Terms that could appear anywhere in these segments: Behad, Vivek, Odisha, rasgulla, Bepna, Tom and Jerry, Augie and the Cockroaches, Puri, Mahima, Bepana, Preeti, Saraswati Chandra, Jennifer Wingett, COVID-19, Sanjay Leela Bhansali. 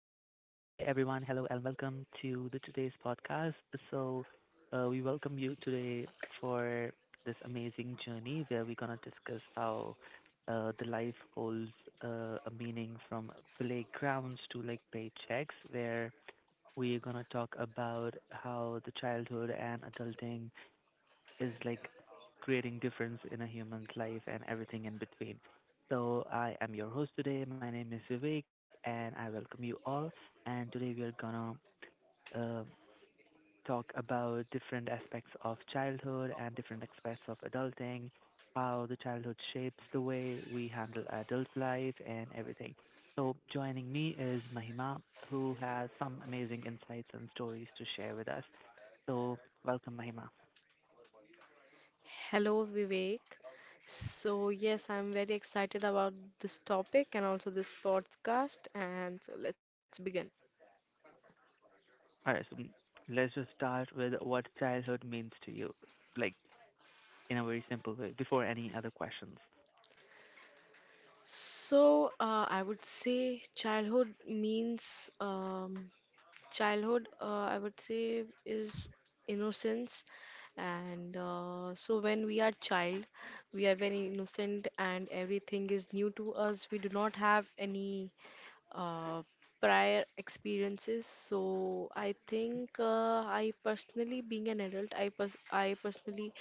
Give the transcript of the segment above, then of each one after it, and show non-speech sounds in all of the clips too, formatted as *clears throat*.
everyone, hello and welcome to the today's podcast. So, we welcome you today for this amazing journey where we're gonna discuss how the life holds a meaning from playgrounds to like paychecks. Where we're gonna talk about how the childhood and adulting is like creating difference in a human's life and everything in between. So I am your host today. My name is Vivek, and I welcome you all. And today we are gonna um talk about different aspects of childhood and different aspects of adulting, how the childhood shapes the way we handle adult life and everything. So joining me is Mahima, who has some amazing insights and stories to share with us. So welcome, Mahima. Hello, Vivek. So, yes, I'm very excited about this topic and also this podcast. And so, let's begin. All right, so let's just start with what childhood means to you, like in a very simple way, before any other questions. So, I would say childhood means childhood, I would say, is innocence. And so, when we are child, we are very innocent and everything is new to us. We do not have any uh, prior experiences. So I think I personally, being an adult, I personally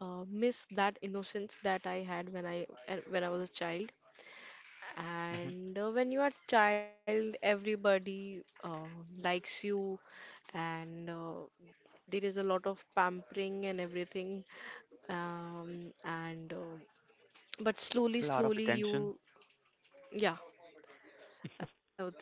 miss that innocence that I had when I was a child. Hmm. And when you are a child, everybody likes you, and there is a lot of pampering and everything. And But slowly, A lot of slowly, attention. you, yeah, I would say.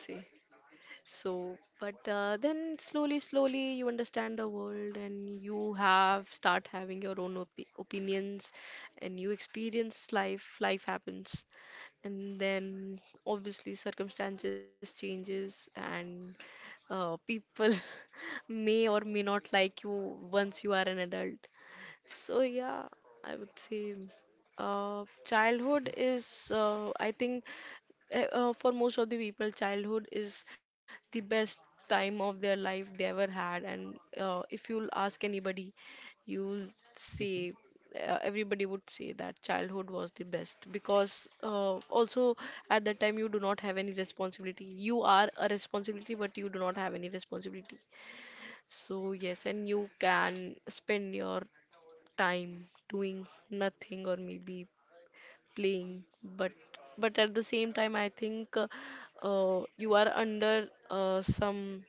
So, but then slowly, slowly you understand the world and you have start having your own op opinions and you experience life, life happens. And then obviously circumstances changes and people *laughs* may or may not like you once you are an adult. So yeah, I would say childhood Hmm. is I think for most of the people, childhood is the best time of their life they ever had. And if you'll ask anybody, you'll Hmm. say everybody would say that childhood was the best because also at that time you do not have any responsibility. You are a responsibility, but you do not have any responsibility. So yes, and you can spend your time doing nothing or maybe playing but at the same time I think you are under some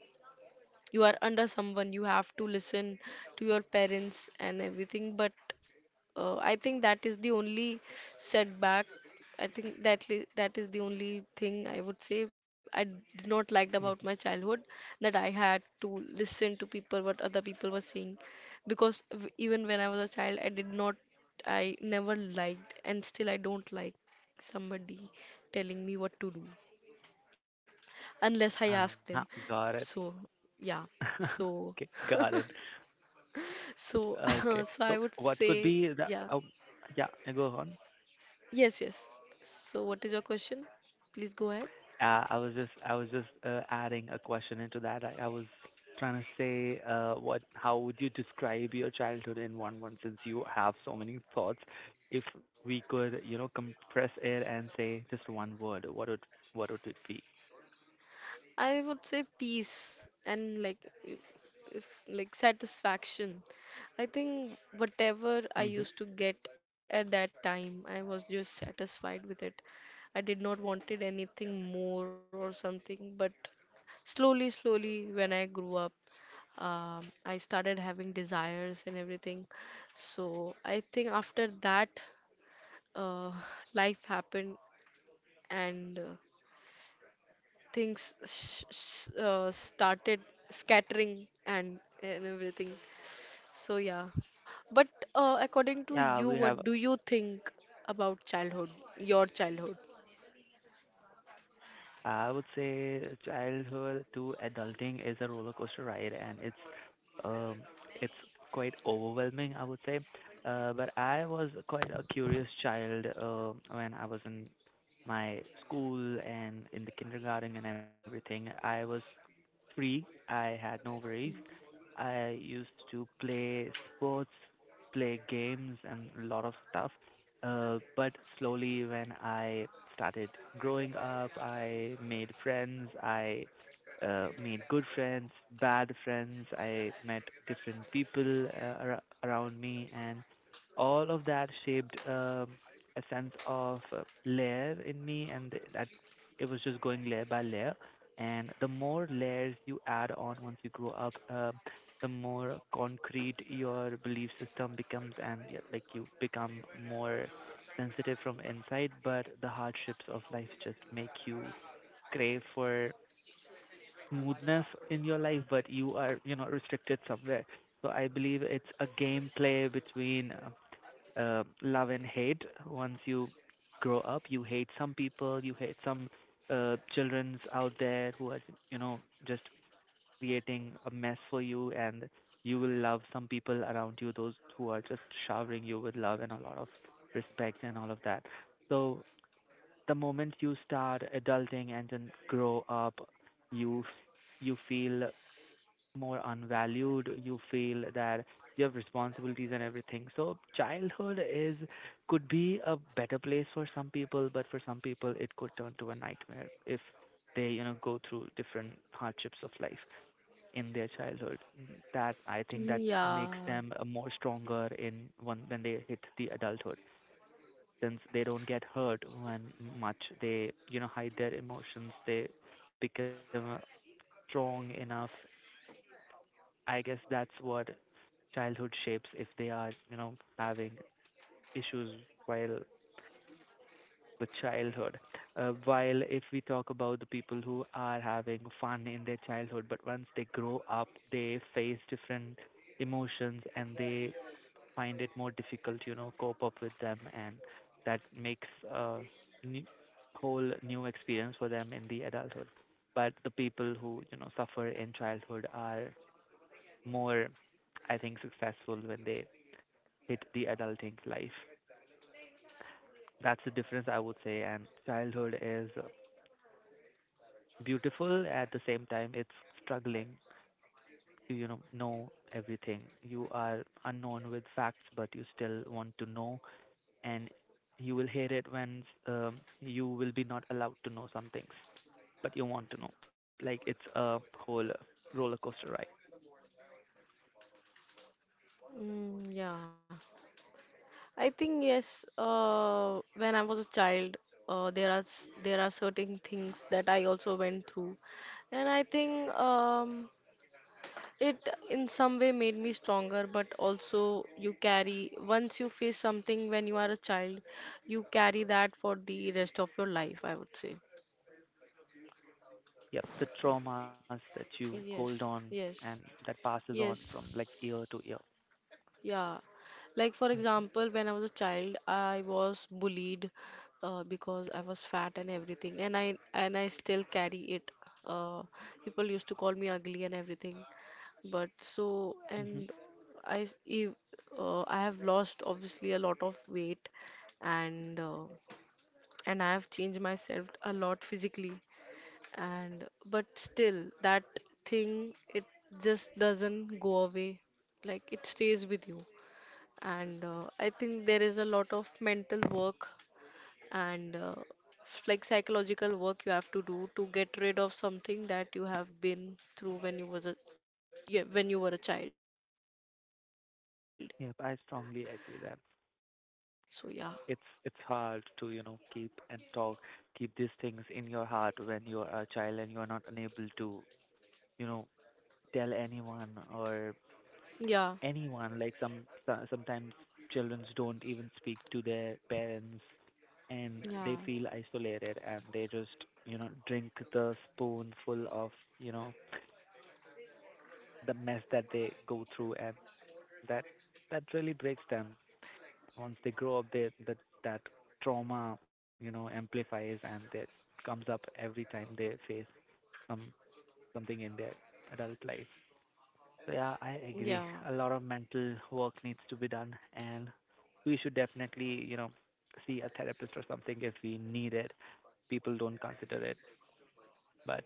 you are under someone you have to listen to your parents and everything but I think that is the only setback. I think that is the only thing I would say I did not liked about my Hmm. childhood, that I had to listen to people what other people were saying because even when I was a child I did not, I never liked and still I don't like somebody telling me what to do unless I ask Uh-huh, them. got it. So yeah. *laughs* So Okay, got it. so Okay, *laughs* so so I would what could say be the? yeah. Oh, yeah, go on. Yes, yes. So, what is your question? Please go ahead. I was just adding a question into that. I was trying to say what how would you describe your childhood in one word since you have so many thoughts. If we could, you know, compress it and say just one word, what would it be? I would say peace and like if, if like satisfaction. I think whatever Hmm. I used to get at that time, I was just satisfied with it. I did not wanted anything more or something, but slowly, slowly, when I grew up, I started having desires and everything. So I think after that, uh, *laughs* *sighs* life happened and things started scattering and everything. So yeah, but according Yeah, to we you, have. what do you think about childhood, your childhood? I would say childhood to adulting is a roller coaster ride, and um it's quite overwhelming, I would say. But I was quite a curious child when I was in my school and in the kindergarten and everything. I was free. I had no worries. I used to play sports, play games, and a lot of stuff. But slowly, when I started growing up, I made friends. I made good friends, bad friends. I met different people ar- around me, and all of that shaped a sense of layer in me, and th- that it was just going layer by layer. And the more layers you add on once you grow up, the more concrete your belief system becomes, and yeah, like you become more sensitive from inside, but the hardships of life just make you crave for smoothness in your life, but you are, you know, restricted somewhere. So I believe it's a gameplay between love and hate. Once you grow up, you hate some people, you hate some childrens out there who are, you know, just creating a mess for you, and you will love some people around you, those who are just showering you with love and a lot of respect and all of that. So the moment you start adulting and then grow up, you f- you feel more unvalued. You feel that you have responsibilities and everything. So childhood is could be a better place for some people, but for some people it could turn to a nightmare if they you know go through different hardships of life in their childhood. That I think that Mm, makes them yeah, more stronger in one when they hit the adulthood since they don't get hurt when much they you know hide their emotions they become strong enough. I guess that's what childhood shapes if they are you know having issues while the childhood. While if we talk about the people who are having fun in their childhood but once they grow up they face different emotions and they find it more difficult, you know, cope up with them, and that makes a new, whole new experience for them in the adulthood. But the people who, you know, suffer in childhood are more, I think, successful when they hit the adulting life. That's the difference I would say, and childhood is beautiful at the same time it's struggling to you know everything. You are unknown with facts but you still want to know, and you will hear it when you will be not allowed to know some things, but you want to know. Like it's a whole roller coaster ride. mm, yeah. I think yes. When I was a child, there are certain things that I also went through, and I think it in some way made me stronger, but also you carry, once you face something when you are a child, you carry that for the rest of your life, I would say. Yep, the traumas that you hold on Yes, and yes, that passes on yes. from like year to year. Yeah, like for example, when I was a child, I was bullied because I was fat and everything, and I still carry it. Uh, people used to call me ugly and everything, but so Mm-hmm. Hmm. and I s- ev- I have lost obviously a lot of weight, and I have changed myself a lot physically, and but still that thing it just doesn't go away, like it stays with you and I think there is a lot of mental work and like psychological work you have to do to get rid of something that you have been through when you was a, yeah, when you were a child. So yeah, Yep, I strongly agree that it's hard to you know keep and talk, keep these things in your heart when you're a child and you're not unable to you know tell anyone or yeah, anyone. Like some so- sometimes children don't even speak to their parents, and they yeah, feel isolated, and they just you know drink the spoonful of you know the mess that they go through, and that that really breaks them. Once they grow up, they that that trauma you know amplifies and that comes up every time they face some something in their adult life. So yeah, I yeah, agree. A lot of mental work needs to be done, and we should definitely, you know, see a therapist or something if we need it. People don't consider it, but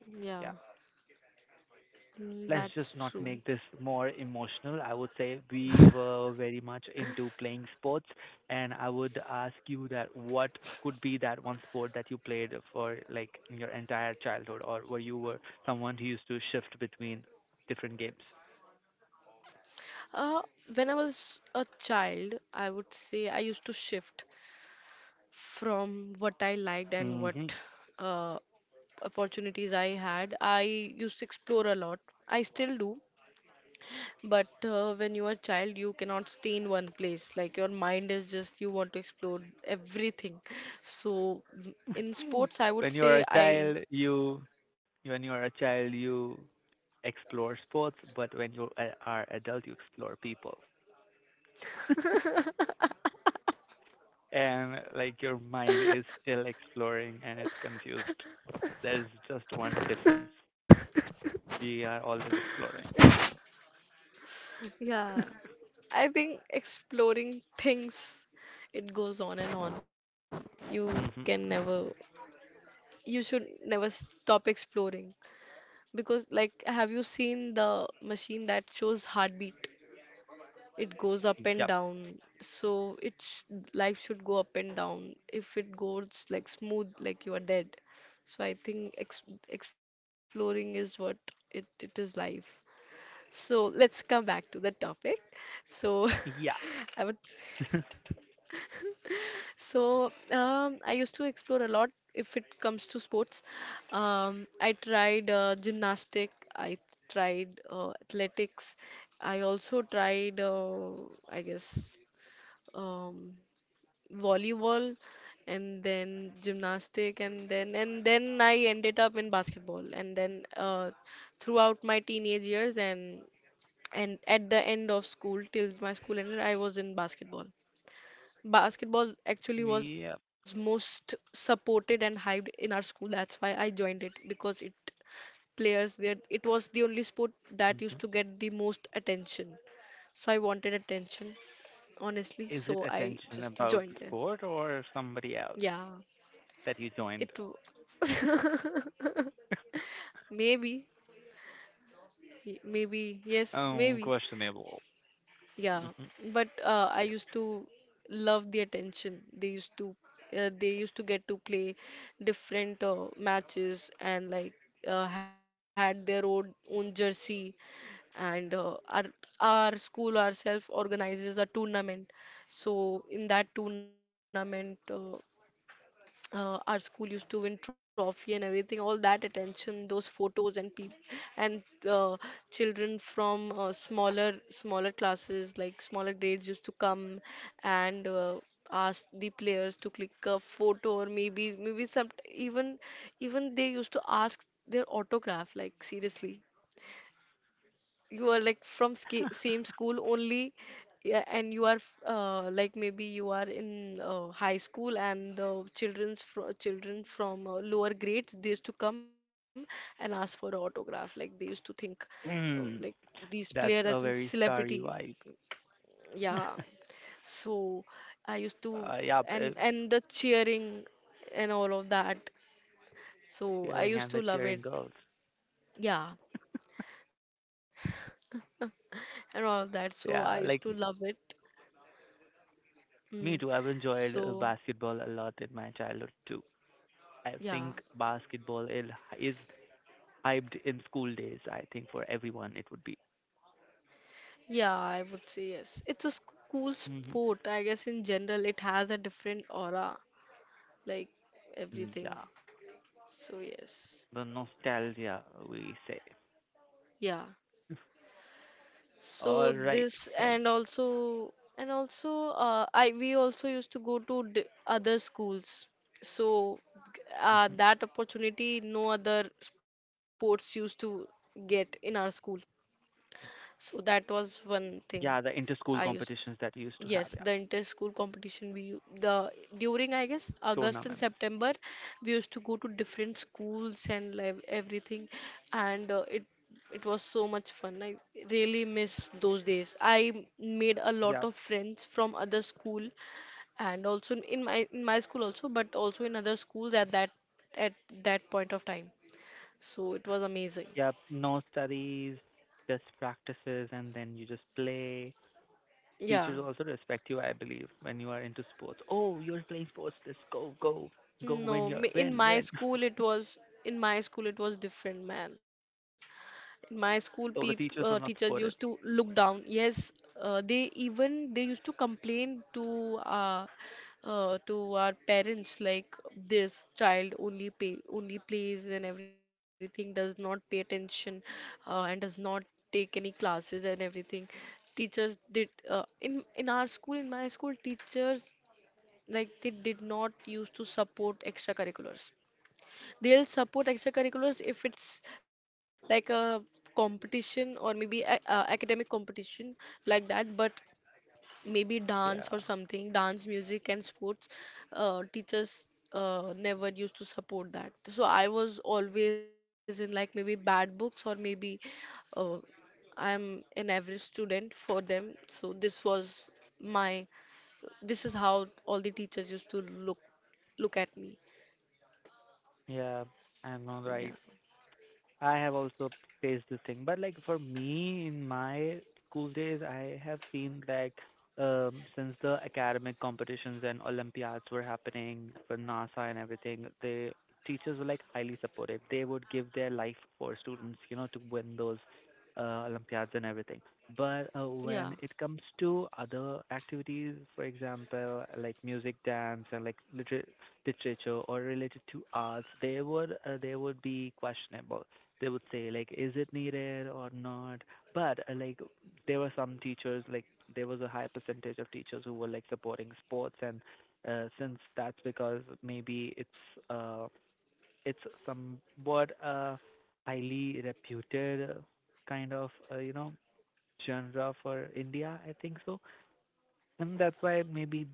yeah. yeah, Mm, let's that's just not true. make this more emotional. I would say we were very much into playing sports, and I would ask you that what could be that one sport that you played for like your entire childhood, or were you were someone who used to shift between different games. Uh, when I was a child, I would say I used to shift from what I liked and Hmm. what uh, opportunities I had, I used to explore a lot. I still do, but when you are a child, you cannot stay in one place. Like your mind is just you want to explore everything. So in *laughs* sports, I would when you are say a I, child you when you are a child you explore sports but when you a- are adult you explore people and like your mind is still exploring and it's confused. There's just one difference: we are always exploring. *laughs* yeah, I think exploring things, it goes on and on. You Mhm. can never, you should never stop exploring because like have you seen the machine that shows heartbeat? It goes Yep. up and down, so it's life should go up and down. If it goes like smooth, like you are dead. So I think exploring is what it is life. So let's come back to the topic. So Yeah. *laughs* I would, *laughs* so I used to explore a lot. If it comes to sports, I tried gymnastic, I tried athletics, I also tried I guess um, volleyball and then gymnastic and then I ended up in basketball and then throughout my teenage years and at the end of school till my school ended I was in basketball. Basketball actually was Yep. most supported and hyped in our school. That's why I joined it because it players there, it was the only sport that used Mhm. to get the most attention. So I wanted attention honestly, Is it so I attention just about the joined there. sport or somebody else Yeah, that you it joined? w- maybe, maybe, yes, Um, maybe. questionable. Yeah, but I used to love the attention. They used to get to play different matches and like had their own jersey. And our school ourselves organizes a tournament. So in that tournament, our school used to win trophy and everything, all that attention, those photos and peop and uh, children from smaller classes, like smaller grades used to come and ask the players to click a photo or maybe some, even they used to ask their autograph, like seriously, you are like from ski same school only. Yeah, and you are like maybe you are in high school and the children from lower grades they used to come and ask for autograph, like they used to think like Mhm. *clears throat* these player as That's a a very celebrity. starry vibe. Yeah, *laughs* so I used to, Uh, yeah, and b- the cheering and all of that, so I Cheering used and the to love cheering it. girls. Yeah, and all of that so I used Yeah, to like love it. Mm. me too. I've enjoyed So, basketball a lot in my childhood too. I yeah. think is hyped in school days. I think for everyone it would be. Yeah, I would say yes. Cool Hmm. sport. I guess in general, it has a different aura, like everything. Yeah, So, yes. the nostalgia we say. Yeah. All So right, this thank. and also, and also I we also used to go to d other schools. So Hmm. that opportunity no other sports used to get in our school. So that was one Yeah, thing the inter-school I used. competitions that we used to have. Yeah, Yes, the inter-school competition the during I guess August and tournaments. September we used to go to different schools and like everything and it was so much fun. I really miss those days. I made a lot Yeah. of friends from other school and also in my school also but also in other schools at that point of time. So it was amazing. Yep, no studies, just practices, and then you just play. Yeah. Teachers also respect you, I believe, when you are into sports. Oh, you're playing sports. Let's go, go, go. Win No, your in win, my win. school it was, in my school it was different, man. My school *laughs* So the teachers teachers were not used to supportive. look down. Yes, they even they used to complain to our parents, like this child only pay only plays and everything, does not pay attention and does not take any classes and everything. Teachers did in our school, in my school teachers, like they did not used to support extracurriculars. They'll support extracurriculars if it's like a competition or maybe a, academic competition like that, but maybe Yeah, dance or something, dance, music, and sports, teachers never used to support that. So I was always in like maybe bad books or maybe uh, I'm an average student for them. So this was my, this is how all the teachers used to look at me. yeah, I know, right. Yeah. I have also faced this thing, but like for me in my school days, I have seen like since the academic competitions and Olympiads were happening for NASA and everything, the teachers were like highly supportive. They would give their life for students, you know, to win those Olympiads and everything. But Yeah. when it comes to other activities, for example, like music, dance, and like liter- literature or related to arts, they would be questionable. They would say like is it needed or not, but like there were some teachers like there was a high percentage of teachers who were like supporting sports and since that's because maybe it's somewhat highly reputed kind of you know genre for India, I think so. And that's why maybe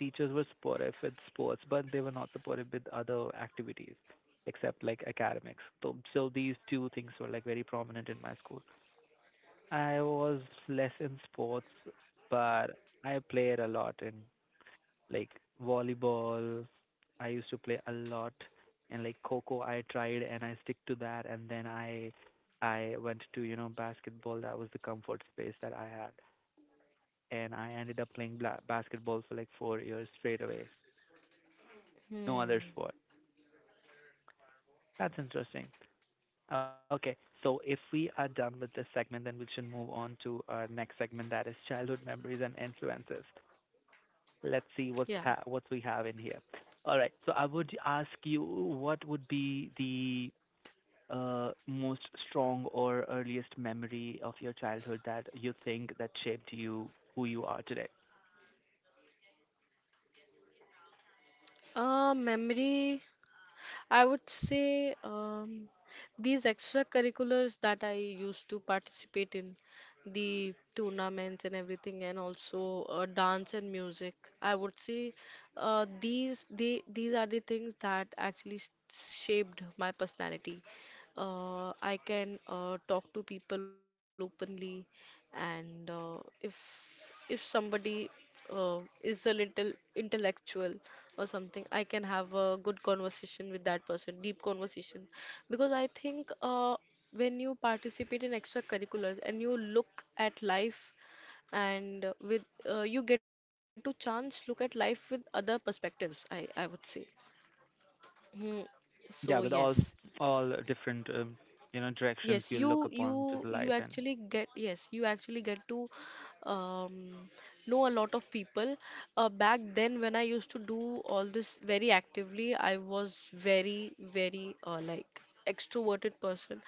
teachers were supportive with sports, but they were not supportive with other activities except like academics. So these two things were like very prominent in my school. I was less in sports, but I played a lot in like volleyball. I used to play a lot and like Coco I tried and I stick to that, and then I went to, you know, basketball. That was the comfort space that I had. And I ended up playing bla- basketball for like 4 years straight away. No other Hmm. sport. That's interesting. Okay. So if we are done with this segment, then we should move on to our next segment, that is childhood memories and influences. Let's see Yeah. what's ha- what we have in here. All right. So I would ask you, what would be the most strong or earliest memory of your childhood that you think that shaped you who you are today? Memory, I would say these extracurriculars that I used to participate in, the tournaments and everything, and also dance and music. I would say these are the things that actually shaped my personality. I can talk to people openly, and if somebody is a little intellectual or something, I can have a good conversation with that person, deep conversation, because I think when you participate in extracurriculars and you look at life and with you get to chance look at life with other perspectives, I would say. Hmm. So Yeah, with yes. all different you know directions Yes, you look upon to the you life. And actually get, yes, you actually get to um, know a lot of people. Back then, when I used to do all this very actively, I was very like extroverted person.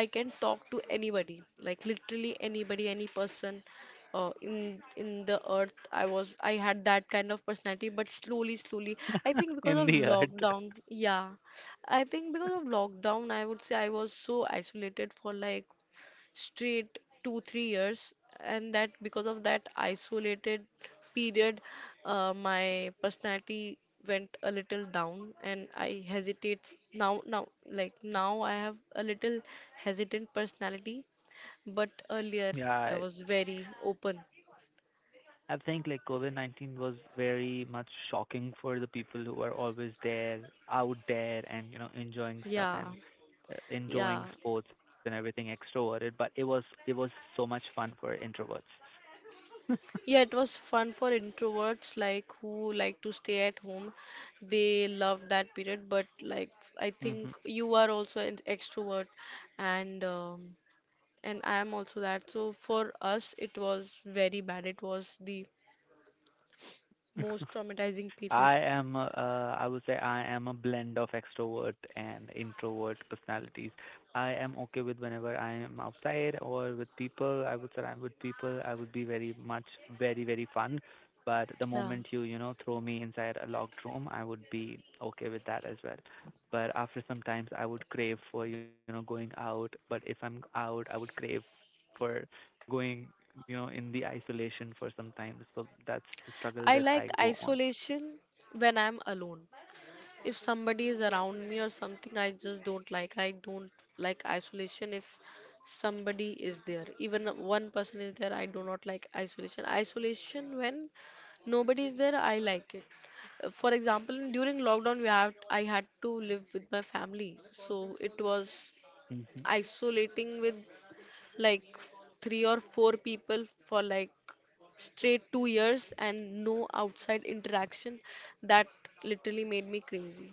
I can talk to anybody, like literally anybody, any person in the earth. I had that kind of personality, but slowly slowly, I think *laughs* because in of the earth. lockdown, yeah I think because of lockdown, I would say I was so isolated for like straight two, 3 years. And that because of that isolated period, my personality went a little down and I hesitate now, like now I have a little hesitant personality, but earlier I Yeah, was very open. I think like COVID-19 was very much shocking for the people who are always there, out there, and you know enjoying stuff Yeah, and yeah. enjoying sports and everything extroverted. But it was so much fun for introverts. Yeah, it was fun for introverts like who like to stay at home. They love that period, but like I *laughs* think Hmm. you are also an extrovert and um, and I am also that. So for us it was very bad. It was the most traumatizing *laughs* period. I would say I am a blend of extrovert and introvert personalities. I am okay with whenever I am outside or with people. I would surround with people. I would be very much, very, very fun. But the Yeah. moment you, you know, throw me inside a locked room, I would be okay with that as well. But after some times, I would crave for, you know, going out. But if I'm out, I would crave for going, in the isolation for some time. So that's the I struggle that like I go on. isolation when I'm alone. If somebody is around me or something, I just don't like. I don't like isolation if somebody is there. Even one person is there, I do not like isolation. Isolation when nobody is there, I like it. For example, during lockdown, we have I had to live with my family, so it was Mhm. isolating with like three or four people for like straight 2 years and no outside interaction that literally made me crazy.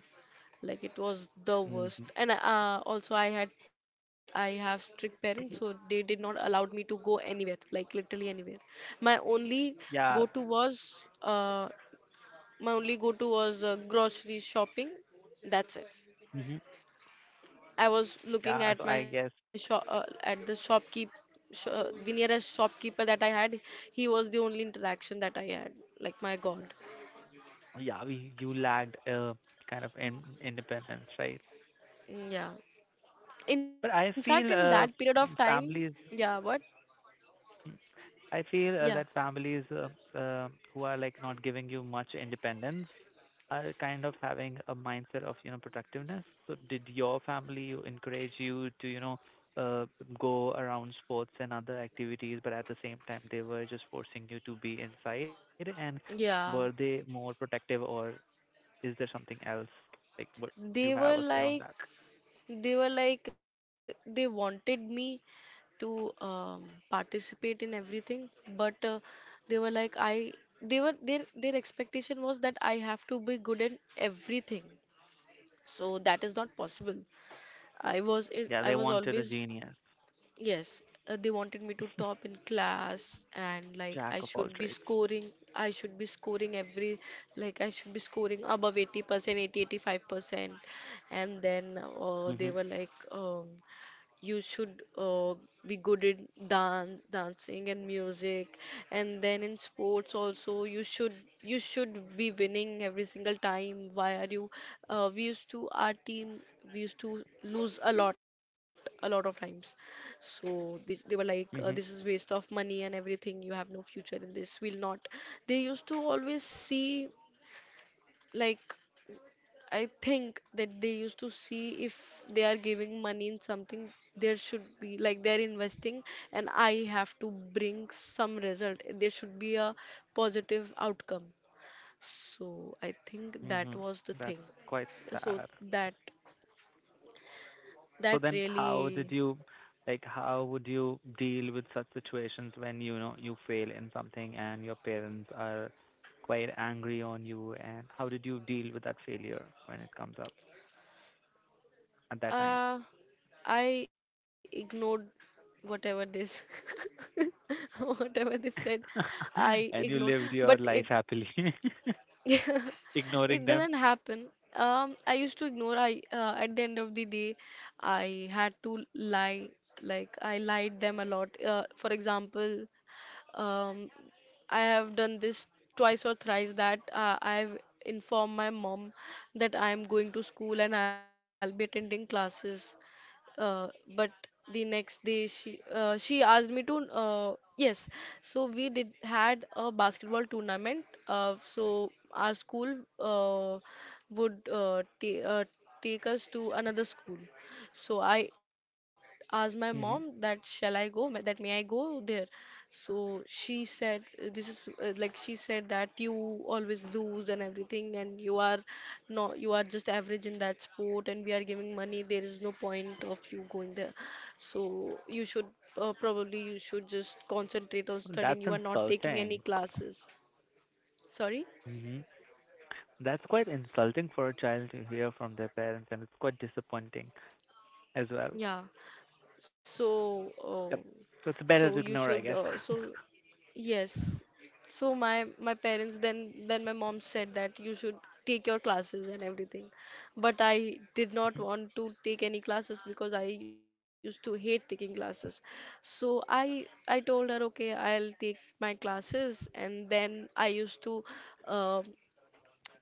Like, it was the worst. Mhm. And also I have strict parents, so they did not allowed me to go anywhere, like literally anywhere. My only go Yeah. to was uh, grocery shopping, that's it. Mhm. I was looking Yeah. So at my I guess shop at the shopkeep sh the nearest shopkeeper that I had. He was the only interaction that I had. Like, my God. yeah, we you lacked kind of independence, right? Mm, yeah. But I In fact, feel in that period of families. time, yeah, what? mm, I feel that Yeah. families uh, who are like not giving you much independence, are kind of having a mindset of, productiveness. So did your family encourage you to, uh, go around sports and other activities, but at the same time they were just forcing you to be inside? And were Yeah. they more protective, or is there something else? Like, what do you They were have a say on like that? they were like they wanted me to um, participate in everything, but they were like I they were their expectation was that I have to be good in everything. So that is not possible. Yeah, I they was wanted a always genius, yes. They wanted me to top in class and like jack I of should all be trades. scoring, I should be scoring every like I should be scoring above 80% eighty percent, 85%. And then Mhm. they were like, you should be good in dance dancing and music. And then in sports also you should, you should be winning every single time. Why are you, we used to, our team, we used to lose a lot, a lot of times. So they were like, Mhm. this is waste of money and everything, you have no future in this, we'll not. They used to always see like, I think that they used to see if they are giving money in something, there should be like they're investing, and I have to bring some result. There should be a positive outcome. So I think that Mhm. was the thing. That's quite So sad. that So that then how did really, you like how would you deal with such situations when you know you fail in something and your parents are quite angry on you, and how did you deal with that failure when it comes up at that time? uh I ignored whatever this, *laughs* whatever they said I *laughs* And ignored you lived but your it life happily, *laughs* *laughs* It ignoring doesn't them. happen. I used to ignore. I At the end of the day, I had to lie. Like, I lied them a lot. For example, um, I have done this twice or thrice that I've informed my mom that I'm going to school and I'll be attending classes. Uh, but the next day she asked me to uh, yes. So we did had a basketball tournament. So our school uh, would take us to another school. So I asked my mom that Hmm. shall I go? That may I go there? So she said, "This is like she said that you always lose and everything, and you are not, you are just average in that sport, and we are giving money. There is no point of you going there. So you should probably you should just concentrate on Well, that's studying. You are not taking any insulting. classes. Sorry? Hmm. That's quite insulting for a child to hear from their parents, and it's quite disappointing as Yeah. well. So, Yep. so So you it's better to should. Uh, ignore, I so guess. Yes. So my parents, then my mom said that you should take your classes and everything. But I did not *laughs* want to take any classes because I used to hate taking classes. So I told her okay, I'll take my classes. And then I used to uh,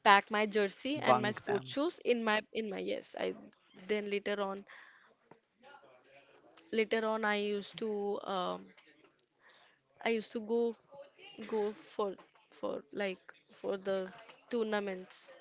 pack my jersey and my Bunk sports them. shoes in my yes. I Then later on, I used to go, go for for like for the tournaments.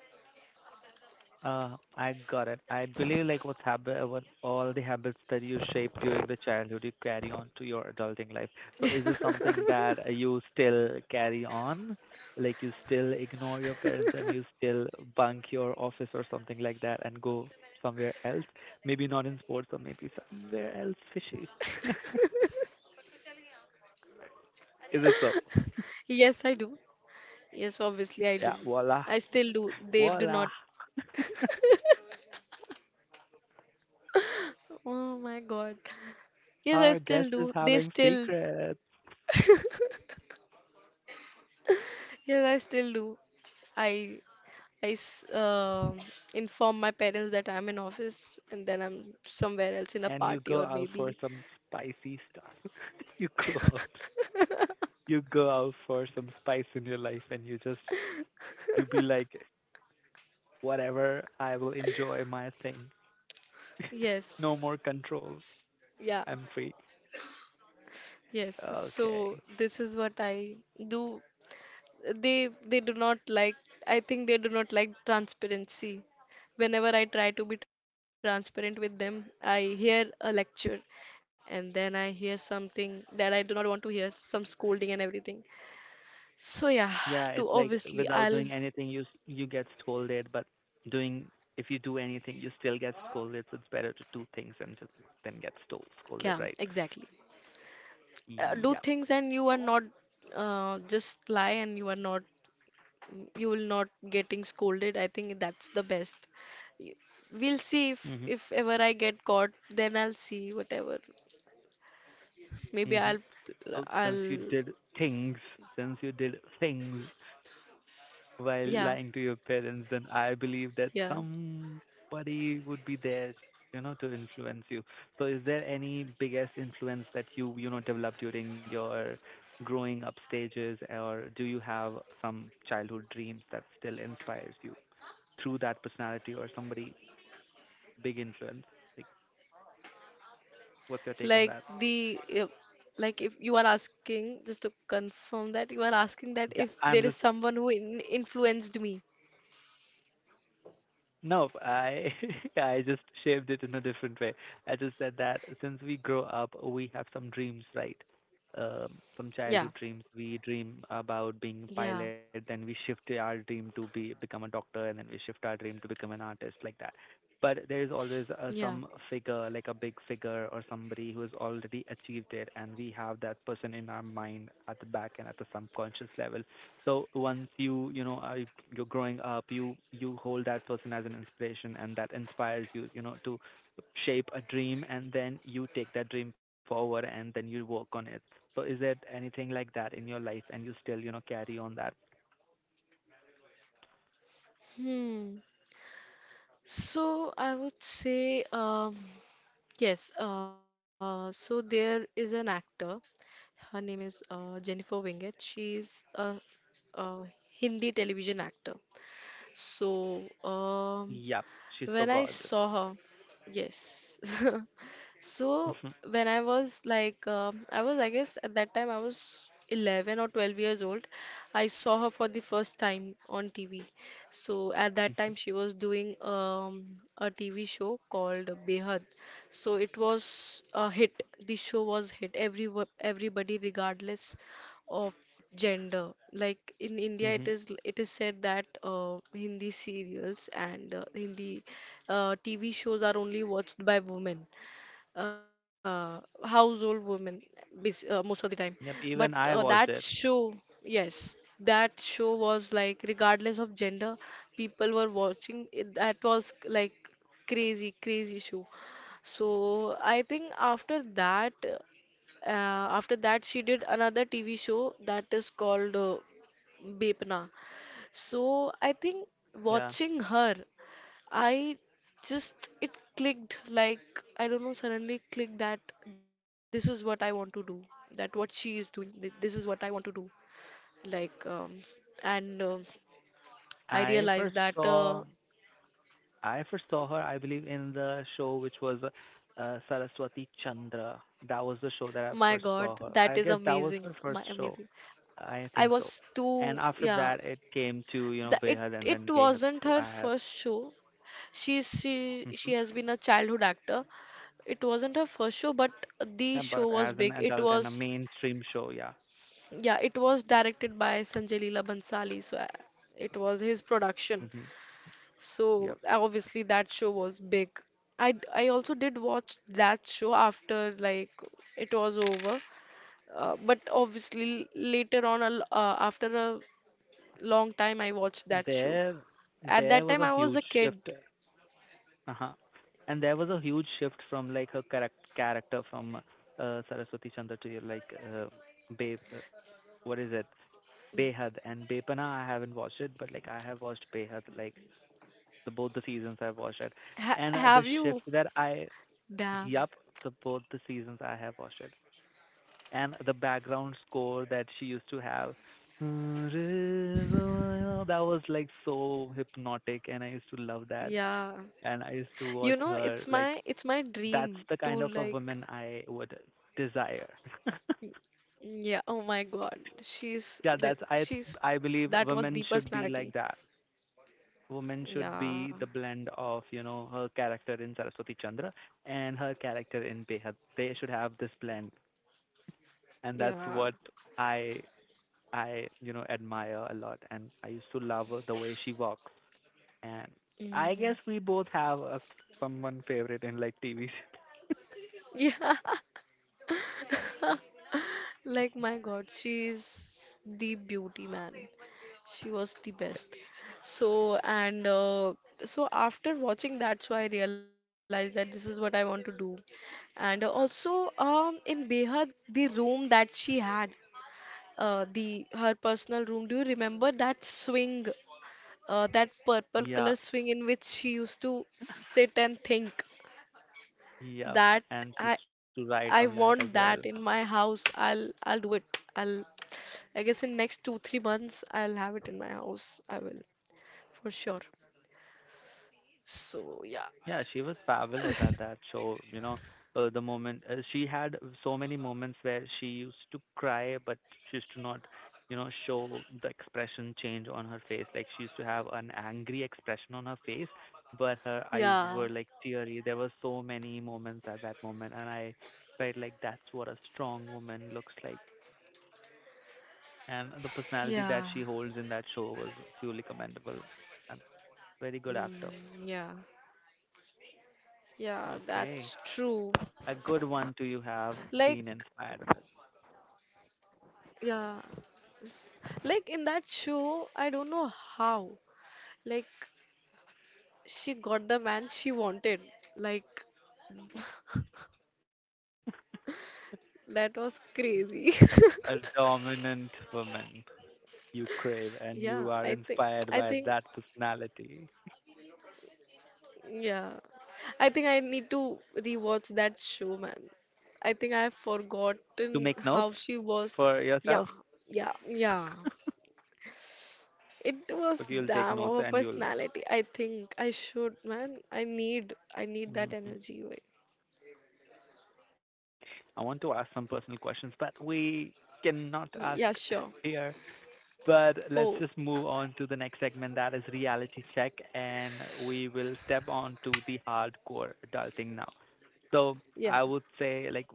I got it. I believe like what's habit, what all the habits that you shape during the childhood you carry on to your adulting life. So is this something that you still carry on? Like you still ignore your parents and you still bunk your office or something like that and go somewhere else? Maybe not in sports or maybe somewhere else fishy. *laughs* Is it so? Yes, I do. Yes, obviously I do. Yeah, I voila. still do. They do not. Voila. Oh my God. Yes, I Our guest still is do. They having still. secrets. Yes, I still do. I I inform my parents that I'm in office and then I'm somewhere else in a And you party go or out maybe. for some spicy stuff. *laughs* You go out, you go out for some spice in your life, and you just you be like, whatever, I will enjoy my thing. *laughs* No Yes. more control. Yeah. I'm free. Yes. So Okay. this is what I do. They do not like, I think they do not like transparency. Whenever I try to be transparent with them I hear a lecture, and then I hear something that I do not want to hear, some scolding and everything. So yeah, to Yeah, it's like obviously I'll, without doing anything, you get scolded, but doing if you do anything, you still get scolded. So it's better to do things and just, than scolded, yeah right? exactly. Do Yeah. things and you are not, just lie and you are not, you will not getting scolded, I think that's the best. Y- we'll see, Mhm. if ever I get caught then I'll see whatever. Maybe Mhm. Well, I'll, since you did things while yeah, lying to your parents, then I believe that yeah. somebody would be there, to influence you. So, is there any biggest influence that you, developed during your growing up stages, or do you have some childhood dreams that still inspires you through that personality or somebody big influence? Like, Like what's your take the, on that? uh, like if you are asking, just to confirm that you are asking that if Yeah, there I'm is just someone who in influenced me. no, I *laughs* I just shaped it in a different way. I just said that since we grow up, we have some dreams, right? Yeah, Some childhood dreams. We dream about yeah, being a pilot, then we shift our dream to be become a doctor, and then we shift our dream to become an artist, like that. But there is yeah. always some figure, like a big figure or somebody who has already achieved it, and we have that person in our mind at the back and at the subconscious level. So once you you know are, you're growing up, you hold that person as an inspiration, and that inspires you you know to shape a dream, and then you take that dream forward, and then you work on it. So is there anything like that in your life, and you still you know carry on that? Hmm. So I would say, yes. So there is an actor. Her name is Jennifer Wingett. She's a Hindi television actor. So, Yep, she's so when I gorgeous. saw her, yes. *laughs* So Hmm. when I was like, I was, I guess at that time I was 11 or 12 years old. I saw her for the first time on TV. So at that time Hmm. she was doing a TV show called Behad. So it was a hit. The show was hit. Everybody, regardless of gender, like in India it Hmm. is, it is said that Hindi serials and Hindi TV shows are only watched by women, household women, most of the time. Yep, But even I that watched it. show, yes, that show was like regardless of gender people were watching it, that was like crazy show. So I think after that, uh, she did another TV show that is called Bepna. So I think Yeah, watching her, I just it clicked like, I don't know, suddenly clicked that this is what I want to do, that what she is doing this is what I want to do. Like and I I first realized that saw. I first saw her, I believe, in the show which was Saraswati Chandra. That was the show that I my first God saw her. that I is guess that was her amazing, first my show. amazing. I think I so. was And too, after that, yeah. it came to you know It, Behad and it then Behad too. wasn't her first show, hmm, she has been a childhood actor. It wasn't her first show, but the yeah, show but was as an big. It adult and was, a mainstream show, yeah. yeah, it was directed by Sanjay Leela Bhansali, so it was his Hmm. production. Yep. So obviously that show was big. I also did watch that show after like it was over, but obviously later on after a long time I watched that show. There, At there that was time a I was a huge kid. shift. Uh-huh. And there was a huge shift from like her correct character from Saraswati Chandra to like Babe. What is it? Behad and Bepana I haven't watched it, but like I have watched Behad, like the both the seasons I've watched it, Ha and the Have shift you? that I, Damn. yup, the both the seasons I have watched it, and the background score that she used to have, that was like so hypnotic, and I used to love that, Yeah. and I used to You watch know, her it's like my that's dream the kind to of a like, woman I would desire. yeah, oh my God. *laughs* Yeah, that's She's, I that believe was the women should be personality. like that, woman should Yeah. be the blend of you know her character in Saraswati Chandra and her character in Behad. They should have this blend, and that's Yeah. what I I you know admire a lot. And I used to love her, the way she walks, and I Mm. guess we both have a someone favorite in like TV. Yeah. *laughs* Like my *laughs* God, she's the beauty, man. She was the Yeah, best. So and so after watching that show, I realized that this is what I want to do. And also, in Behad, the room that she had, the her personal room. Do you remember that swing? Uh, that purple yeah, color swing in which she used to sit and think, yep. that, And she used to I write on want that as that in well. my house. I'll do it. I'll, I guess in next 2 3 months I'll have it in my house. I will for sure. So yeah, Yeah, she was fabulous at that show. You know, the moment she had so many moments where she used to cry, but she used to not, you know, show the expression change on her face. Like she used to have an angry expression on her face, but her eyes yeah, were like teary. There were so many moments at that moment, and I felt like that's what a strong woman looks like. And the personality that yeah, she holds in that show was truly commendable. And very good actor. mm, yeah, yeah. Okay. That's true. A good one do you Like have been inspired with? yeah, like in that show, I don't know how. Like she got the man she wanted. Like, that was crazy. A *laughs* dominant woman you crave and you Yeah, are inspired I by that think personality. yeah. I think I need to rewatch that show, man. I think I've To forgotten make notes how she was. for Yeah, yourself? yeah, yeah. *laughs* It was But you'll take damn notes our and you'll. personality. I think I should, man. I need that Hmm. energy. Wait. I want to ask some personal questions, but we cannot Yeah, ask sure. *laughs* here. But Oh, let's just move on to the next segment that is reality check, and we will step on to the hardcore adulting now. So yeah. I would say, like,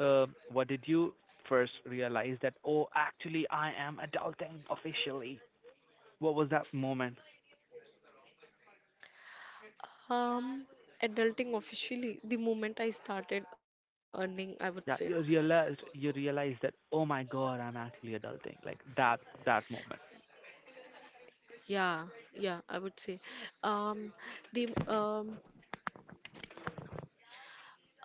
What did you first realize that, oh, actually, I am adulting officially? What was that moment Um, adulting officially, the moment I started earning, I would say. that you realized that, oh my God, I'm actually adulting? That moment. Yeah, yeah, I would say. Um, the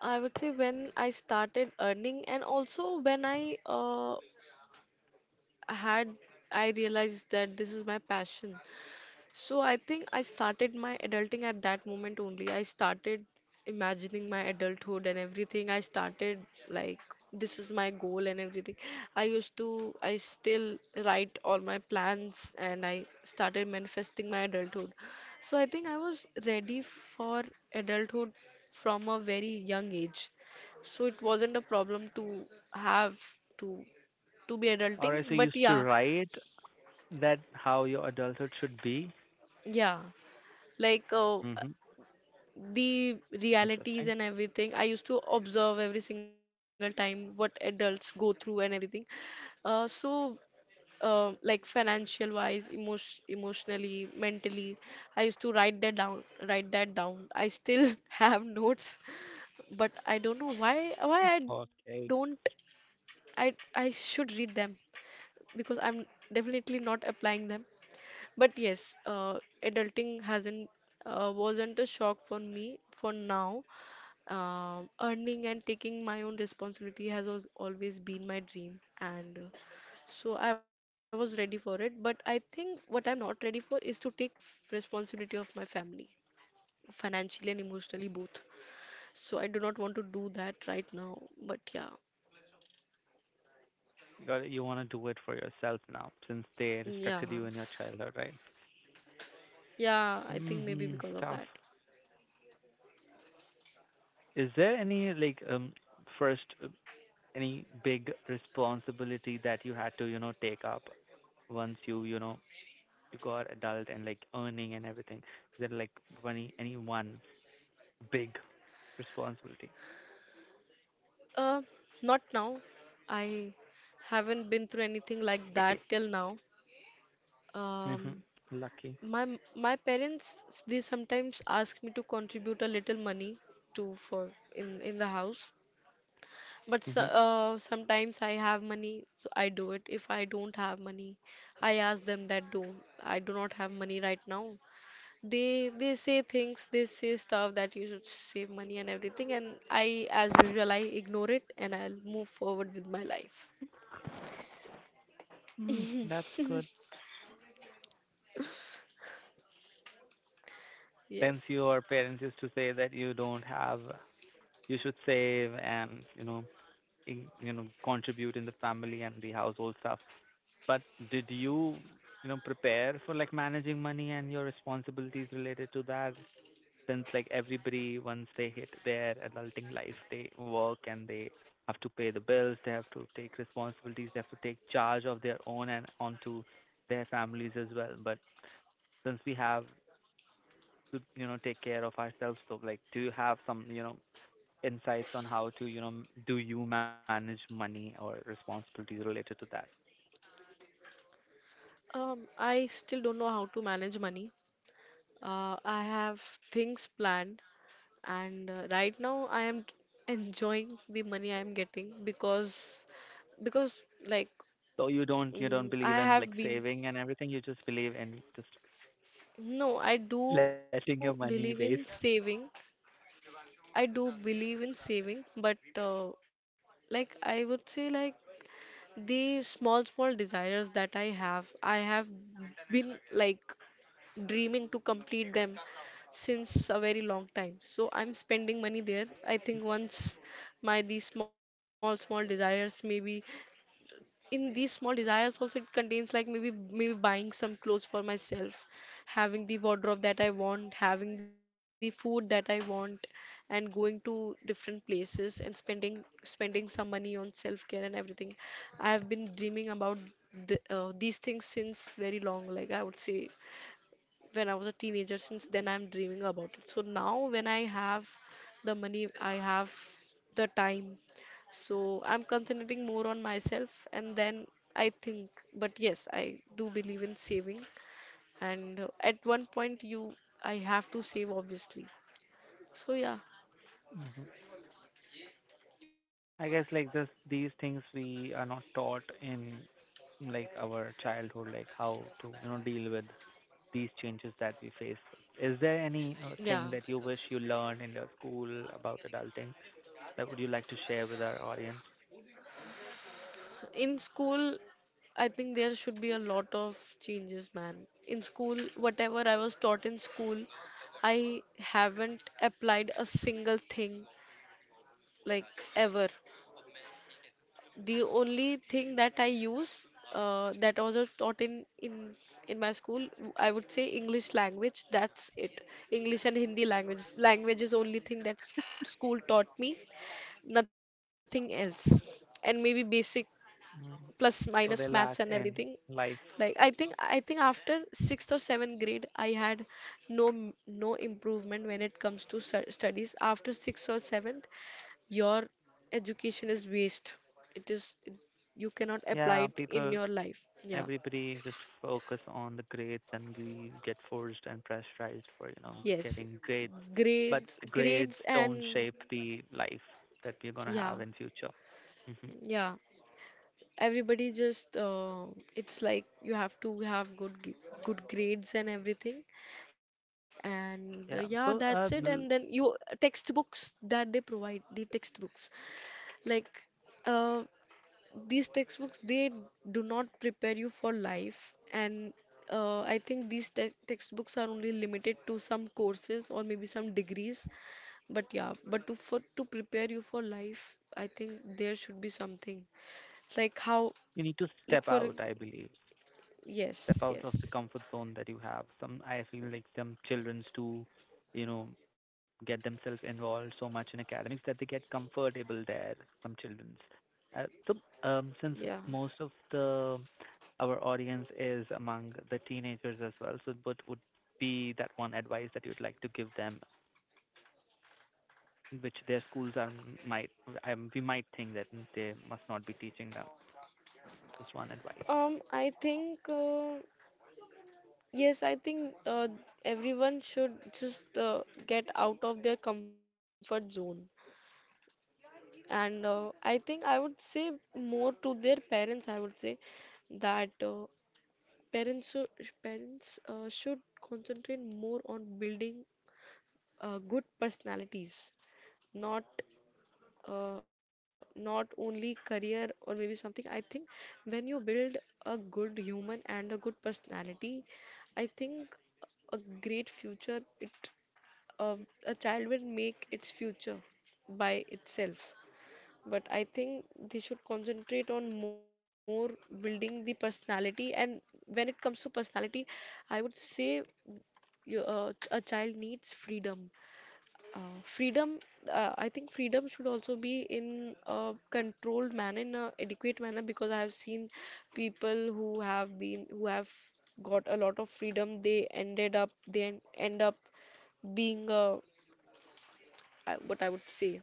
I would say when I started earning, and also when I had, I realized that this is my passion. So I think I started my adulting at that moment only. I started imagining my adulthood and everything. I started like this is my goal and everything. I used to I still write all my plans, and I started manifesting my adulthood. So I think I was ready for adulthood from a very young age. So it wasn't a problem to have to to be Alright, adulting, so you but used to yeah, write that how your adulthood should be. yeah. Like Mm-hmm. the realities Interesting. and everything. I used to observe every single time what adults go through and everything. Uh, so, like financial wise, emotionally, mentally, I used to write that down. Write that down. I still *laughs* have notes, but I don't know why I don't. Okay. I should read them because I'm definitely not applying them. But yes, adulting hasn't wasn't a shock for me for now. Earning and taking my own responsibility has always been my dream, and so I was ready for it. But I think what I'm not ready for is to take responsibility of my family, financially and emotionally both. So I do not want to do that right now. But yeah, Got it. You want to do it for yourself now, since they restricted yeah, you in your childhood, right? yeah. I think maybe Mm-hmm. because of Tough. that. Is there any like first any big responsibility that you had to, you know, take up once you, you know, you got adult and like earning and everything? Is there like any one big responsibility? Uh, Not now. I haven't been through anything like that till now. Hmm. Um, Lucky. my parents, they sometimes ask me to contribute a little money to for in the house, but Hmm. Sometimes I have money, so I do it. If I don't have money, I ask them that, do I do not have money right now. They say things, they say stuff that you should save money and everything, and I, as usual, I ignore it and I'll move forward with my life. Mm, that's good. Since Yes. your parents used to say that you don't have, you should save and contribute in the family and the household stuff. But did you, you know, prepare for like managing money and your responsibilities related to that? Since like everybody once they hit their adulting life they work and they have to pay the bills, they have to take responsibilities, they have to take charge of their own and onto their families as well, but since we have to you know take care of ourselves, so like do you have some you know insights on how to you know do you manage money or responsibilities related to that? I still don't know how to manage money. I have things planned, and right now I am enjoying the money I am getting because like So you don't believe I in like have been saving and everything, you just believe in just no, I *laughs* letting your do money believe waste. in saving. I do believe in saving, but like I would say, like the small small desires that I have been like dreaming to complete them since a very long time. So I'm spending money there. I think once my these small small desires, maybe in these small desires also, it contains like maybe maybe buying some clothes for myself, having the wardrobe that I want, having the food that I want, and going to different places and spending some money on self-care and everything. I have been dreaming about these things since very long, like I would say when I was a teenager. Since then, I'm dreaming about it. So now, when I have the money, I have the time. So I'm concentrating more on myself, and then I think. But yes, I do believe in saving, and at one point, you I have to save obviously. So yeah, I guess like this these things we are not taught in like our childhood, like how to, you know, deal with these changes that we face. Is there any yeah. thing that you wish you learned in your school about adulting that would you like to share with our audience? In school, I think there should be a lot of changes, man. In school, whatever I was taught in school, I haven't applied a single thing, like, ever. The only thing that I use, that was taught in in my school, I would say English language. That's it. English and Hindi language. Language is only thing that school taught me. Nothing else. And maybe basic Mm. plus minus So they maths and lack everything. in life. Like I think after sixth or seventh grade, I had no m- no improvement when it comes to studies. After sixth or seventh, your education is waste, it is, you cannot apply Yeah, it in people your life. Yeah, everybody just focus on the grades and we get forced and pressurized for, you know, yes, getting grades. But grades, the grades grades, don't and shape the life that we're gonna yeah, have in future. Hmm. yeah, everybody just it's like you have to have good grades and everything, and yeah, Yeah. that's it, So and then you textbooks that they provide the textbooks, like, uh, these textbooks they do not prepare you for life, and I think these textbooks are only limited to some courses or maybe some degrees, but yeah, but to for to prepare you for life, I think there should be something like how, you need to like step for, out, I believe. yes, Step out of the yes, comfort zone that you have. Some I feel like some childrens do, you know, get themselves involved so much in academics that they get comfortable there. Some childrens. So yeah. Since most of the our audience is among the teenagers as well, so what would be that one advice that you'd like to give them, which their schools are might we might think that they must not be teaching them. Just one advice. I think yes, I think everyone should just get out of their comfort zone. And I think I would say more to their parents, I would say that parents should parents should concentrate more on building good personalities, not not only career or maybe something. I think when you build a good human and a good personality, I think a great future it, uh, a child will make its future by itself, but I think they should concentrate on more building the personality. And when it comes to personality, I would say a child needs freedom. Freedom, I think freedom should also be in a controlled manner, in a adequate manner, because I have seen people who have been, who have got a lot of freedom, they ended up, they end up being a, what I would say,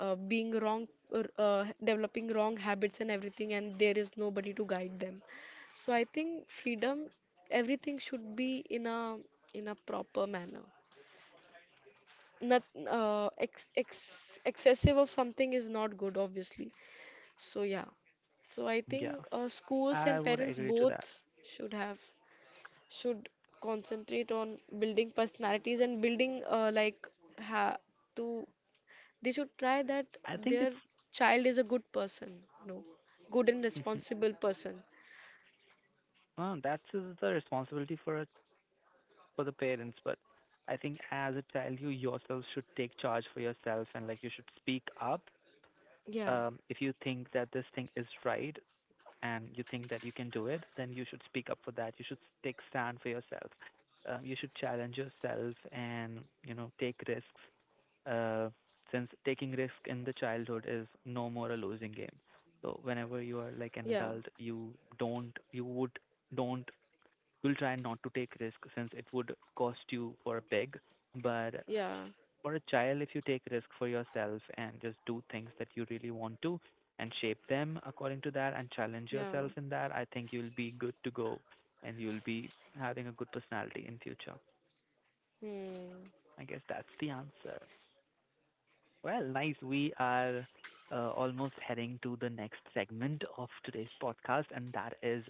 being wrong or developing wrong habits and everything, and there is nobody to guide them. So I think freedom, everything should be in a, in a proper manner, not, excessive of something is not good obviously. So yeah, so I Yeah, think schools I and would parents agree to both that. should have, should concentrate on building personalities and building like, ha, to, they should try that I think their it's child is a good person, no, good and *laughs* responsible person. That's the responsibility for the parents, but I think as a child, you yourself should take charge for yourself, and like you should speak up. Yeah, If you think that this thing is right and you think that you can do it, then you should speak up for that. You should take stand for yourself. You should challenge yourself and take risks. Uh, since taking risk in the childhood is no more a losing game. So whenever you are yeah, like an adult, you would don't you'll try not to take risk since it would cost you for a big. But yeah, for a child, if you take risk for yourself and just do things that you really want to and shape them according to that and yeah. challenge yourself in that, I think you'll be good to go and you'll be having a good personality in future. Hmm. I guess that's the answer. Well, nice. We are almost heading to the next segment of today's podcast, and that is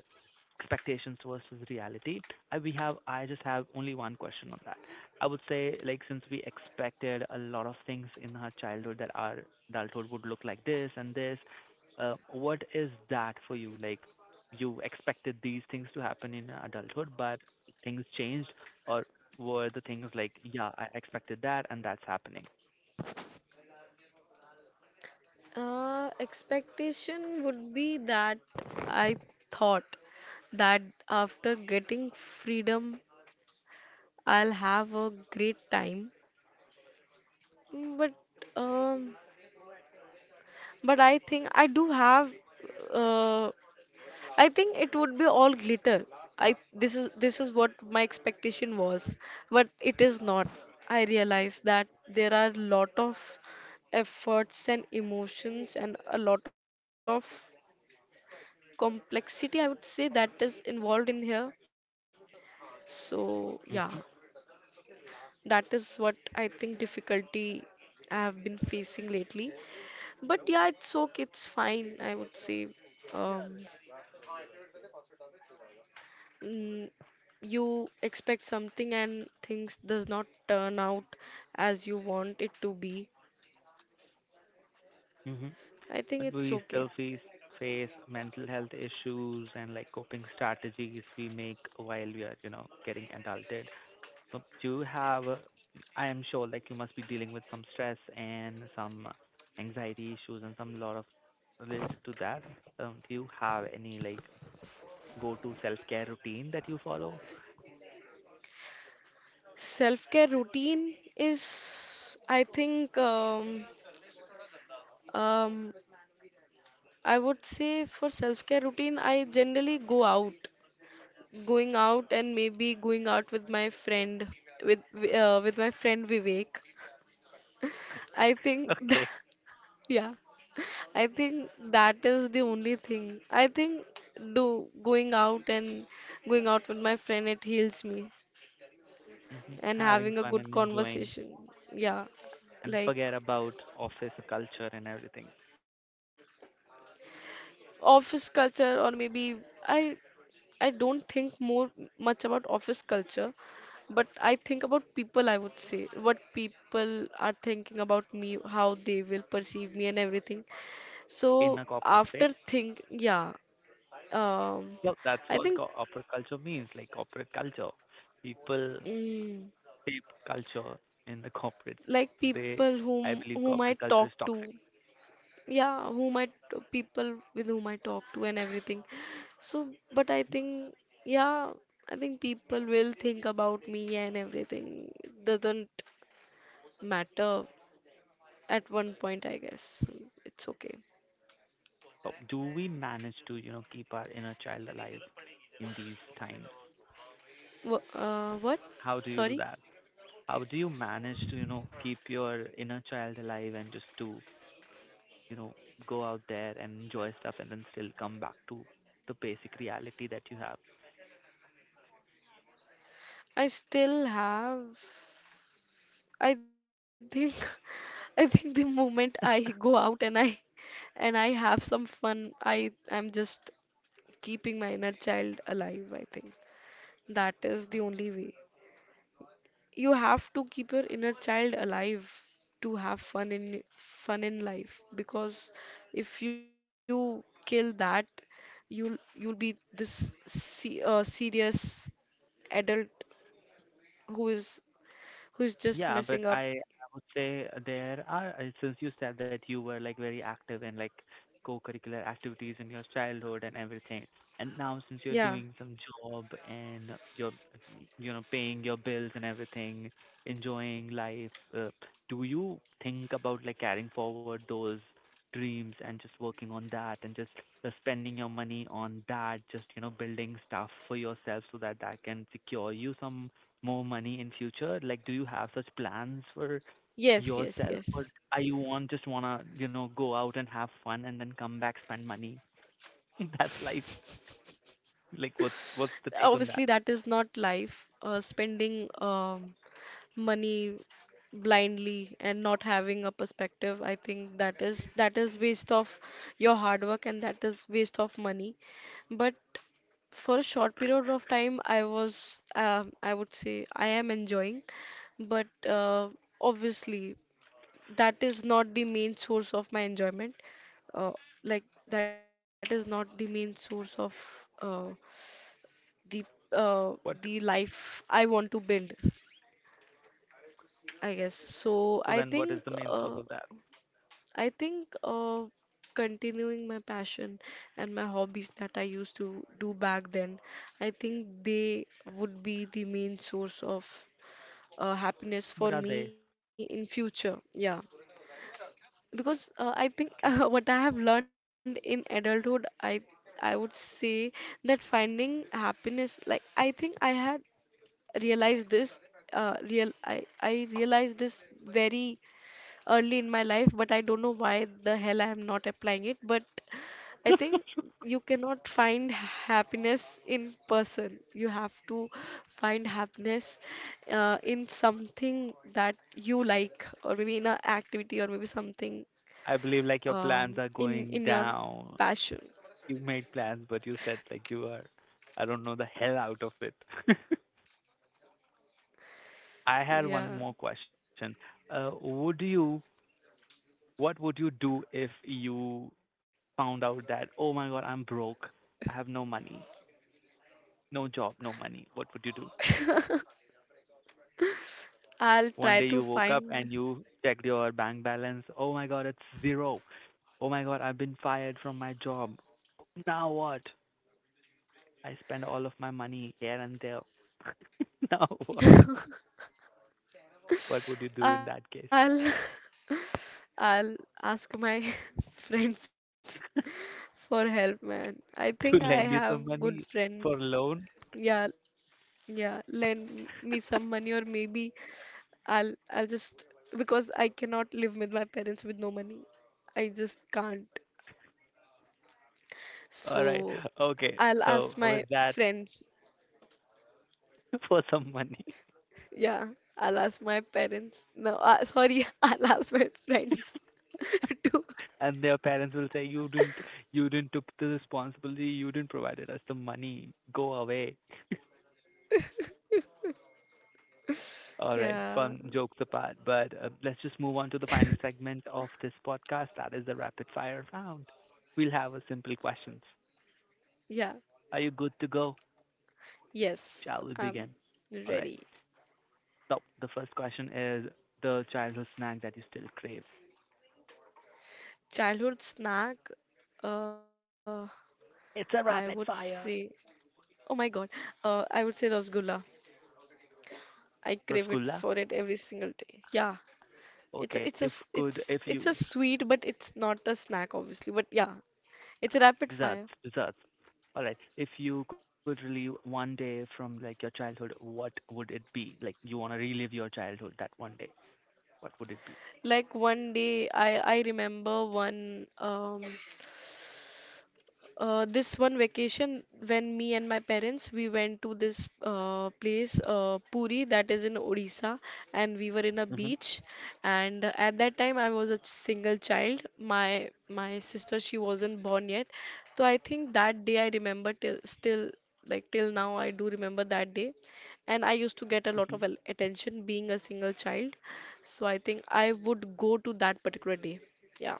expectations versus reality. I just have only one question on that. I would say like since we expected a lot of things in our childhood that our adulthood would look like this and this. What is that for you? Like you expected these things to happen in your adulthood, but things changed, or were the things like, yeah, I expected that and that's happening? Expectation would be that I thought that after getting freedom, I'll have a great time. Mm. Um, but I think I do have, uh, I think it would be all glitter. I This is this is what my expectation was, but it is not. I realize that there are a lot of efforts and emotions and a lot of complexity, I would say, that is involved in here. So yeah, Mm-hmm. that is what I think difficulty I have been facing lately. But yeah, it's okay, it's fine, I would say. Um, mm, you expect something and things does not turn out as you want it to be. I think But it's we okay. still face mental health issues and like coping strategies we make while we are, getting adulted. So do you have, I am sure like you must be dealing with some stress and some anxiety issues and some lot of related to that. Do you have any like go-to self-care routine that you follow? self care routine is, I think, um, I would say for self care routine I generally go out, going out and maybe going out with my friend, with with my friend Vivek, I think Okay. *laughs* yeah, I think that is the only thing. I think do going out and going out with my friend, it heals me Hmm. and Having having a fun good and enjoying conversation. Yeah. and Like forget about office culture and everything office culture or maybe I I don't think more much about office culture, but I think about people, I would say, what people are thinking about me, how they will perceive me and everything. in So a corporate space. after think, yeah, um, Well, that's I what think. Corporate culture means, like corporate culture. People Mm, shape culture in the *laughs* corporate, so like they, people I believe, whom corporate whom I culture is talk toxic. to. Yeah, people with whom I talk to and everything. So, but I think yeah, I think people will think about me and everything. It doesn't matter at one point, I guess. It's okay. So, do we manage to, keep our inner child alive in these times? What? How do you do Sorry. that? How do you manage to, keep your inner child alive and just to, you know, go out there and enjoy stuff and then still come back to the basic reality that you have? I still have. I think. *laughs* I think the moment *laughs* I go out and I have some fun, I'm just keeping my inner child alive, I think. That is the only way. You have to keep your inner child alive to have fun in life, because if you kill that, you'll be this se serious adult who is, Yeah, who's but just messing I up. would say there are, since you said that you were like very active in like co-curricular activities in your childhood and everything, and now since you're doing Yeah. some job and you're, paying your bills and everything, enjoying life, uh, do you think about like carrying forward those dreams and just working on that and just spending your money on that, just, building stuff for yourself so that that can secure you some more money in future? Like, do you have such plans for Yes, yourself, yes, or yes. are you want just wanna go out and have fun and then come back spend money? *laughs* That's life. Like, what's the take Obviously, on that? that is not life. Spending money blindly and not having a perspective, I think that is, that is waste of your hard work, and that is waste of money. But for a short period of time I was, I would say I am enjoying, but obviously that is not the main source of my enjoyment, uh, like, that is not the main source of, uh, the uh, What, the life I want to build, I guess. so then So what I is the main think source of that? I think uh, continuing my passion and my hobbies that I used to do back then, I think they would be the main source of happiness What for are me they? in future. Yeah, because I think Okay. *laughs* What I have learned in adulthood, I would say that finding happiness, like I think I had realized this, real I realized this very early in my life, but I don't know why the hell I am not applying it. But I think *laughs* you cannot find happiness in person. You have to find happiness in something that you like, or maybe in a activity, or maybe something, I believe like your plans are in going your down. passion. You made plans, but you said like you are, I don't know, the hell out of it. *laughs* I had one Yeah, more question. Uh, would you, what would you do if you found out that, oh my God, I'm broke. I have no money, no job, no money. What would you do? I'll try One day to you woke up find. and you checked your bank balance. Oh my God, it's zero. Oh my God, I've been fired from my job. Now what? I spend all of my money here and there. *laughs* Now what? *laughs* What would you do in that case? I'll *laughs* I'll ask my *laughs* friends for help, man. I *laughs* To think I lend you have some good money friends. for loan? Yeah, yeah. Lend me some money, or maybe I'll just, because I cannot live with my parents with no money. I just can't. All right. So Okay. I'll So ask with my that, friends. *laughs* for some money. Yeah, I'll ask my parents. No, sorry, *laughs* I'll ask my friends *laughs* to. And their parents will say, you didn't, took the responsibility, you didn't provided us the money, go away. *laughs* *laughs* All right, Yeah. fun jokes apart, but let's just move on to the final segment of this podcast that is the rapid fire round. We'll have a simple questions. Yeah, Are you good to go? yes, Shall we I'm begin? All right. ready. So the first question is the childhood snack that you still crave. Childhood snack, uh, I It's would a rapid say, fire. oh my God, I would say rasgulla. I crave it for Rasgulla. it every single day. Yeah, Okay, if could if it's a you. sweet, but it's not a snack, obviously. But yeah, it's a rapid Desserts, fire. desserts. All right. If you could relive one day from like your childhood, what would it be? Like you want to relive your childhood that one day. What would it be? Like one day, I remember one this one vacation, when me and my parents we went to this place Puri, that is in Odisha, and we were in a Mhm. beach. And at that time, I was a single child. My sister she wasn't born yet, so I think that day I remember till still, like till now I do remember that day. And I used to get a lot Mm-hmm. of attention being a single child, so I think I would go to that particular day. Yeah,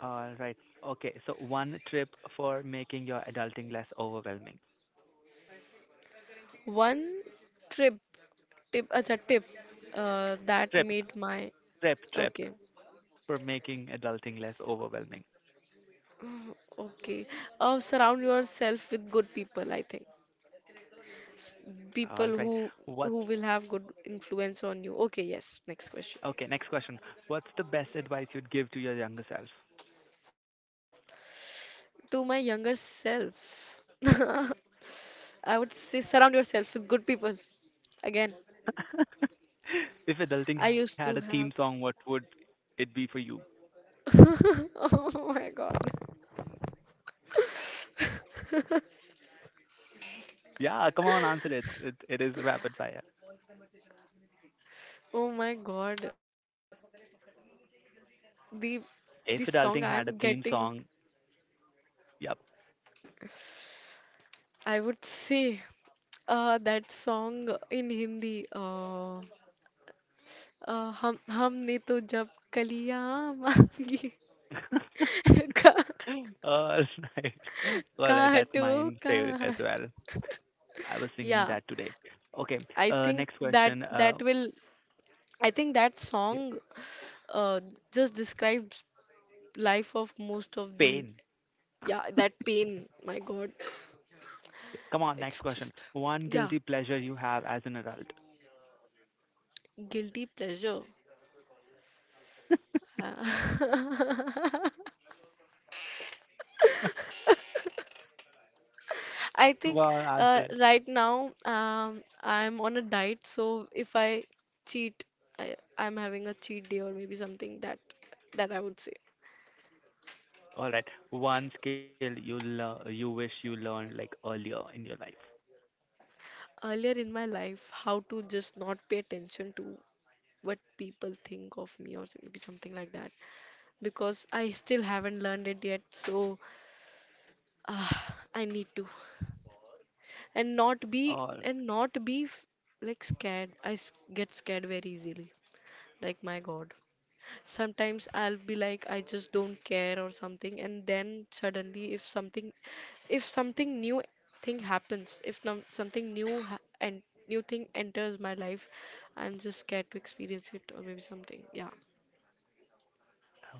All right. Okay. So one trip for making your adulting less overwhelming. one trip. Tip, acha, tip that Trip, made my trip, trip okay, for making adulting less overwhelming. okay. Surround yourself with good people, I think. All People right. who What's who will have good influence on you. Okay, yes. Next question. okay? Next question. What's the best advice you'd give to your younger self? To my younger self, *laughs* I would say surround yourself with good people. Again, *laughs* If I adulting had a used to theme song, have. what would it be for you? *laughs* Oh my God. *laughs* Yeah, come on, answer it. It is rapid fire. Oh my God. The If song adulting I'm had a theme getting, song, yep. I would say that song in Hindi, हम हमने तो जब कलियां मांगी *laughs* *laughs* का All right. काटो All right, that's का mine favorite as *laughs* well. I was yeah, singing that today. Okay. I think Next question. that will, I think that Yeah, song uh, just describes life of most of the, pain. yeah, that pain, my God, Come on, next it's question. just, One yeah, guilty pleasure you have as an adult. guilty pleasure. *laughs* I Come think on, answer it. right now I'm on a diet, so if I cheat, I'm having a cheat day or maybe something, that I would say. All right. One skill you learn, you wish you learned like earlier in your life. Earlier in my life, how to just not pay attention to what people think of me or maybe something like that, because I still haven't learned it yet. So uh, I need to, and not be All right. and not be f- like scared. I get scared very easily. Like my God. Sometimes I'll be like, I just don't care or something, and then suddenly, if something new thing happens, if num something new ha and new thing enters my life, I'm just scared to experience it or maybe something. Yeah.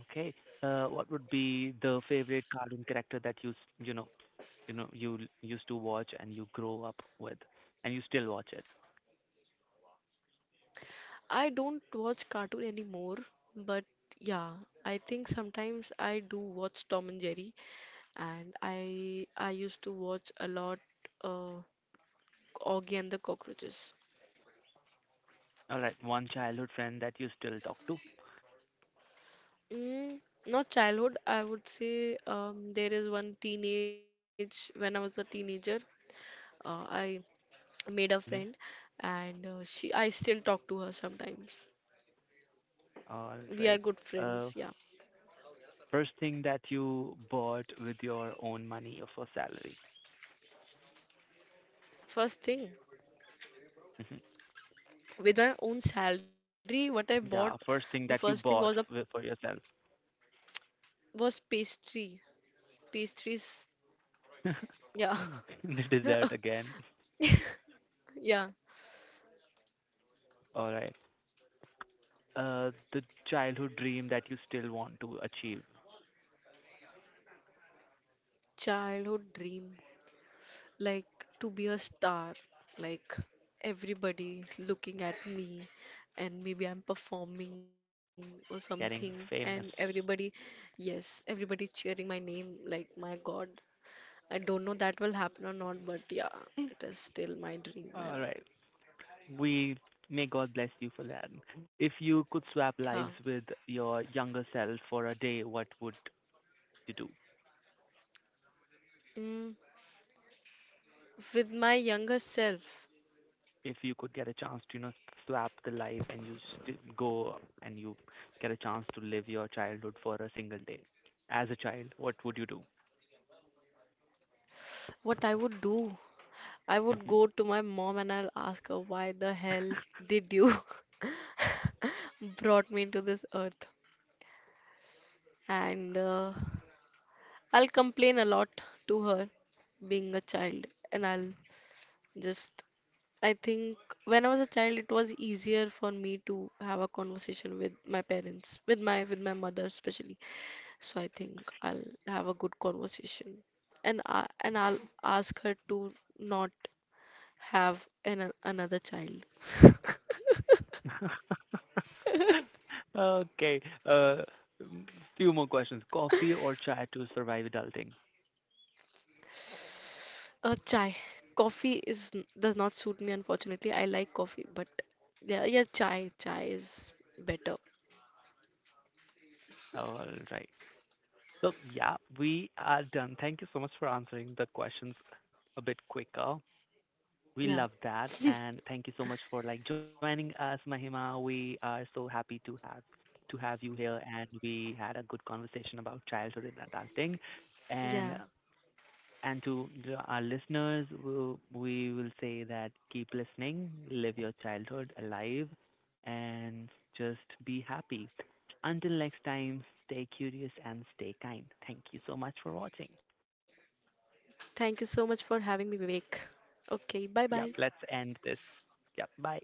Okay. What would be the favorite cartoon character that you know used to watch and you grow up with and you still watch it? I don't watch cartoon anymore, but yeah, I think sometimes I do watch Tom and Jerry, and I used to watch a lot uh, Augie and the Cockroaches. All right, one childhood friend that you still talk to. Mm, not childhood. I would say there is one teenage when I was a teenager. I made a friend, Mhm. and she, I still talk to her sometimes. All We are right. good Uh, friends. f- Yeah. first thing that you bought with your own money or for salary. First thing Mhm. with my own salary, what I bought, the Yeah, first first thing thing that was you a bought for yourself. was pastry. Pastries. *laughs* Yeah. The *laughs* dessert again. Yeah. All right. The childhood dream that you still want to achieve, Childhood dream. Like to be a star, like everybody looking at me, and maybe I'm performing or something, getting and famous. everybody, yes, everybody cheering my name, like my God. I don't know that will happen or not, but yeah, it is still my dream, man. All right. We may God bless you for that. If you could Yeah. swap lives with your younger self for a day, what would you do? Mm, with my younger self, If you could get a chance to, swap the life and you go and you get a chance to live your childhood for a single day as a child, what would you do? what I would do, I would go Mhm. to my mom and I'll ask her, why the hell did you *laughs* brought me into this earth? And I'll complain a lot to her being a child, and I'll just, I think when I was a child it was easier for me to have a conversation with my parents, with my, with my mother especially, so I think I'll have a good conversation, and I'll ask her to not have an another child. *laughs* Okay. M- few more questions. Coffee or chai to survive adulting? Chai. Coffee is does not suit me, unfortunately. I like coffee, but yeah, yeah, chai, chai is better. All right. So yeah, we are done. Thank you so much for answering the questions a bit quicker. We Yeah. love that, *laughs* and thank you so much for like joining us, Mahima. We are so happy to have you here, and we had a good conversation about childhood and adulting. And Yeah. Our listeners, we will say that keep listening, live your childhood alive, and just be happy. Until next time, stay curious and stay kind. Thank you so much for watching. Thank you so much for having me, Vivek. Okay, bye bye. Yep, let's end this. Yep, bye.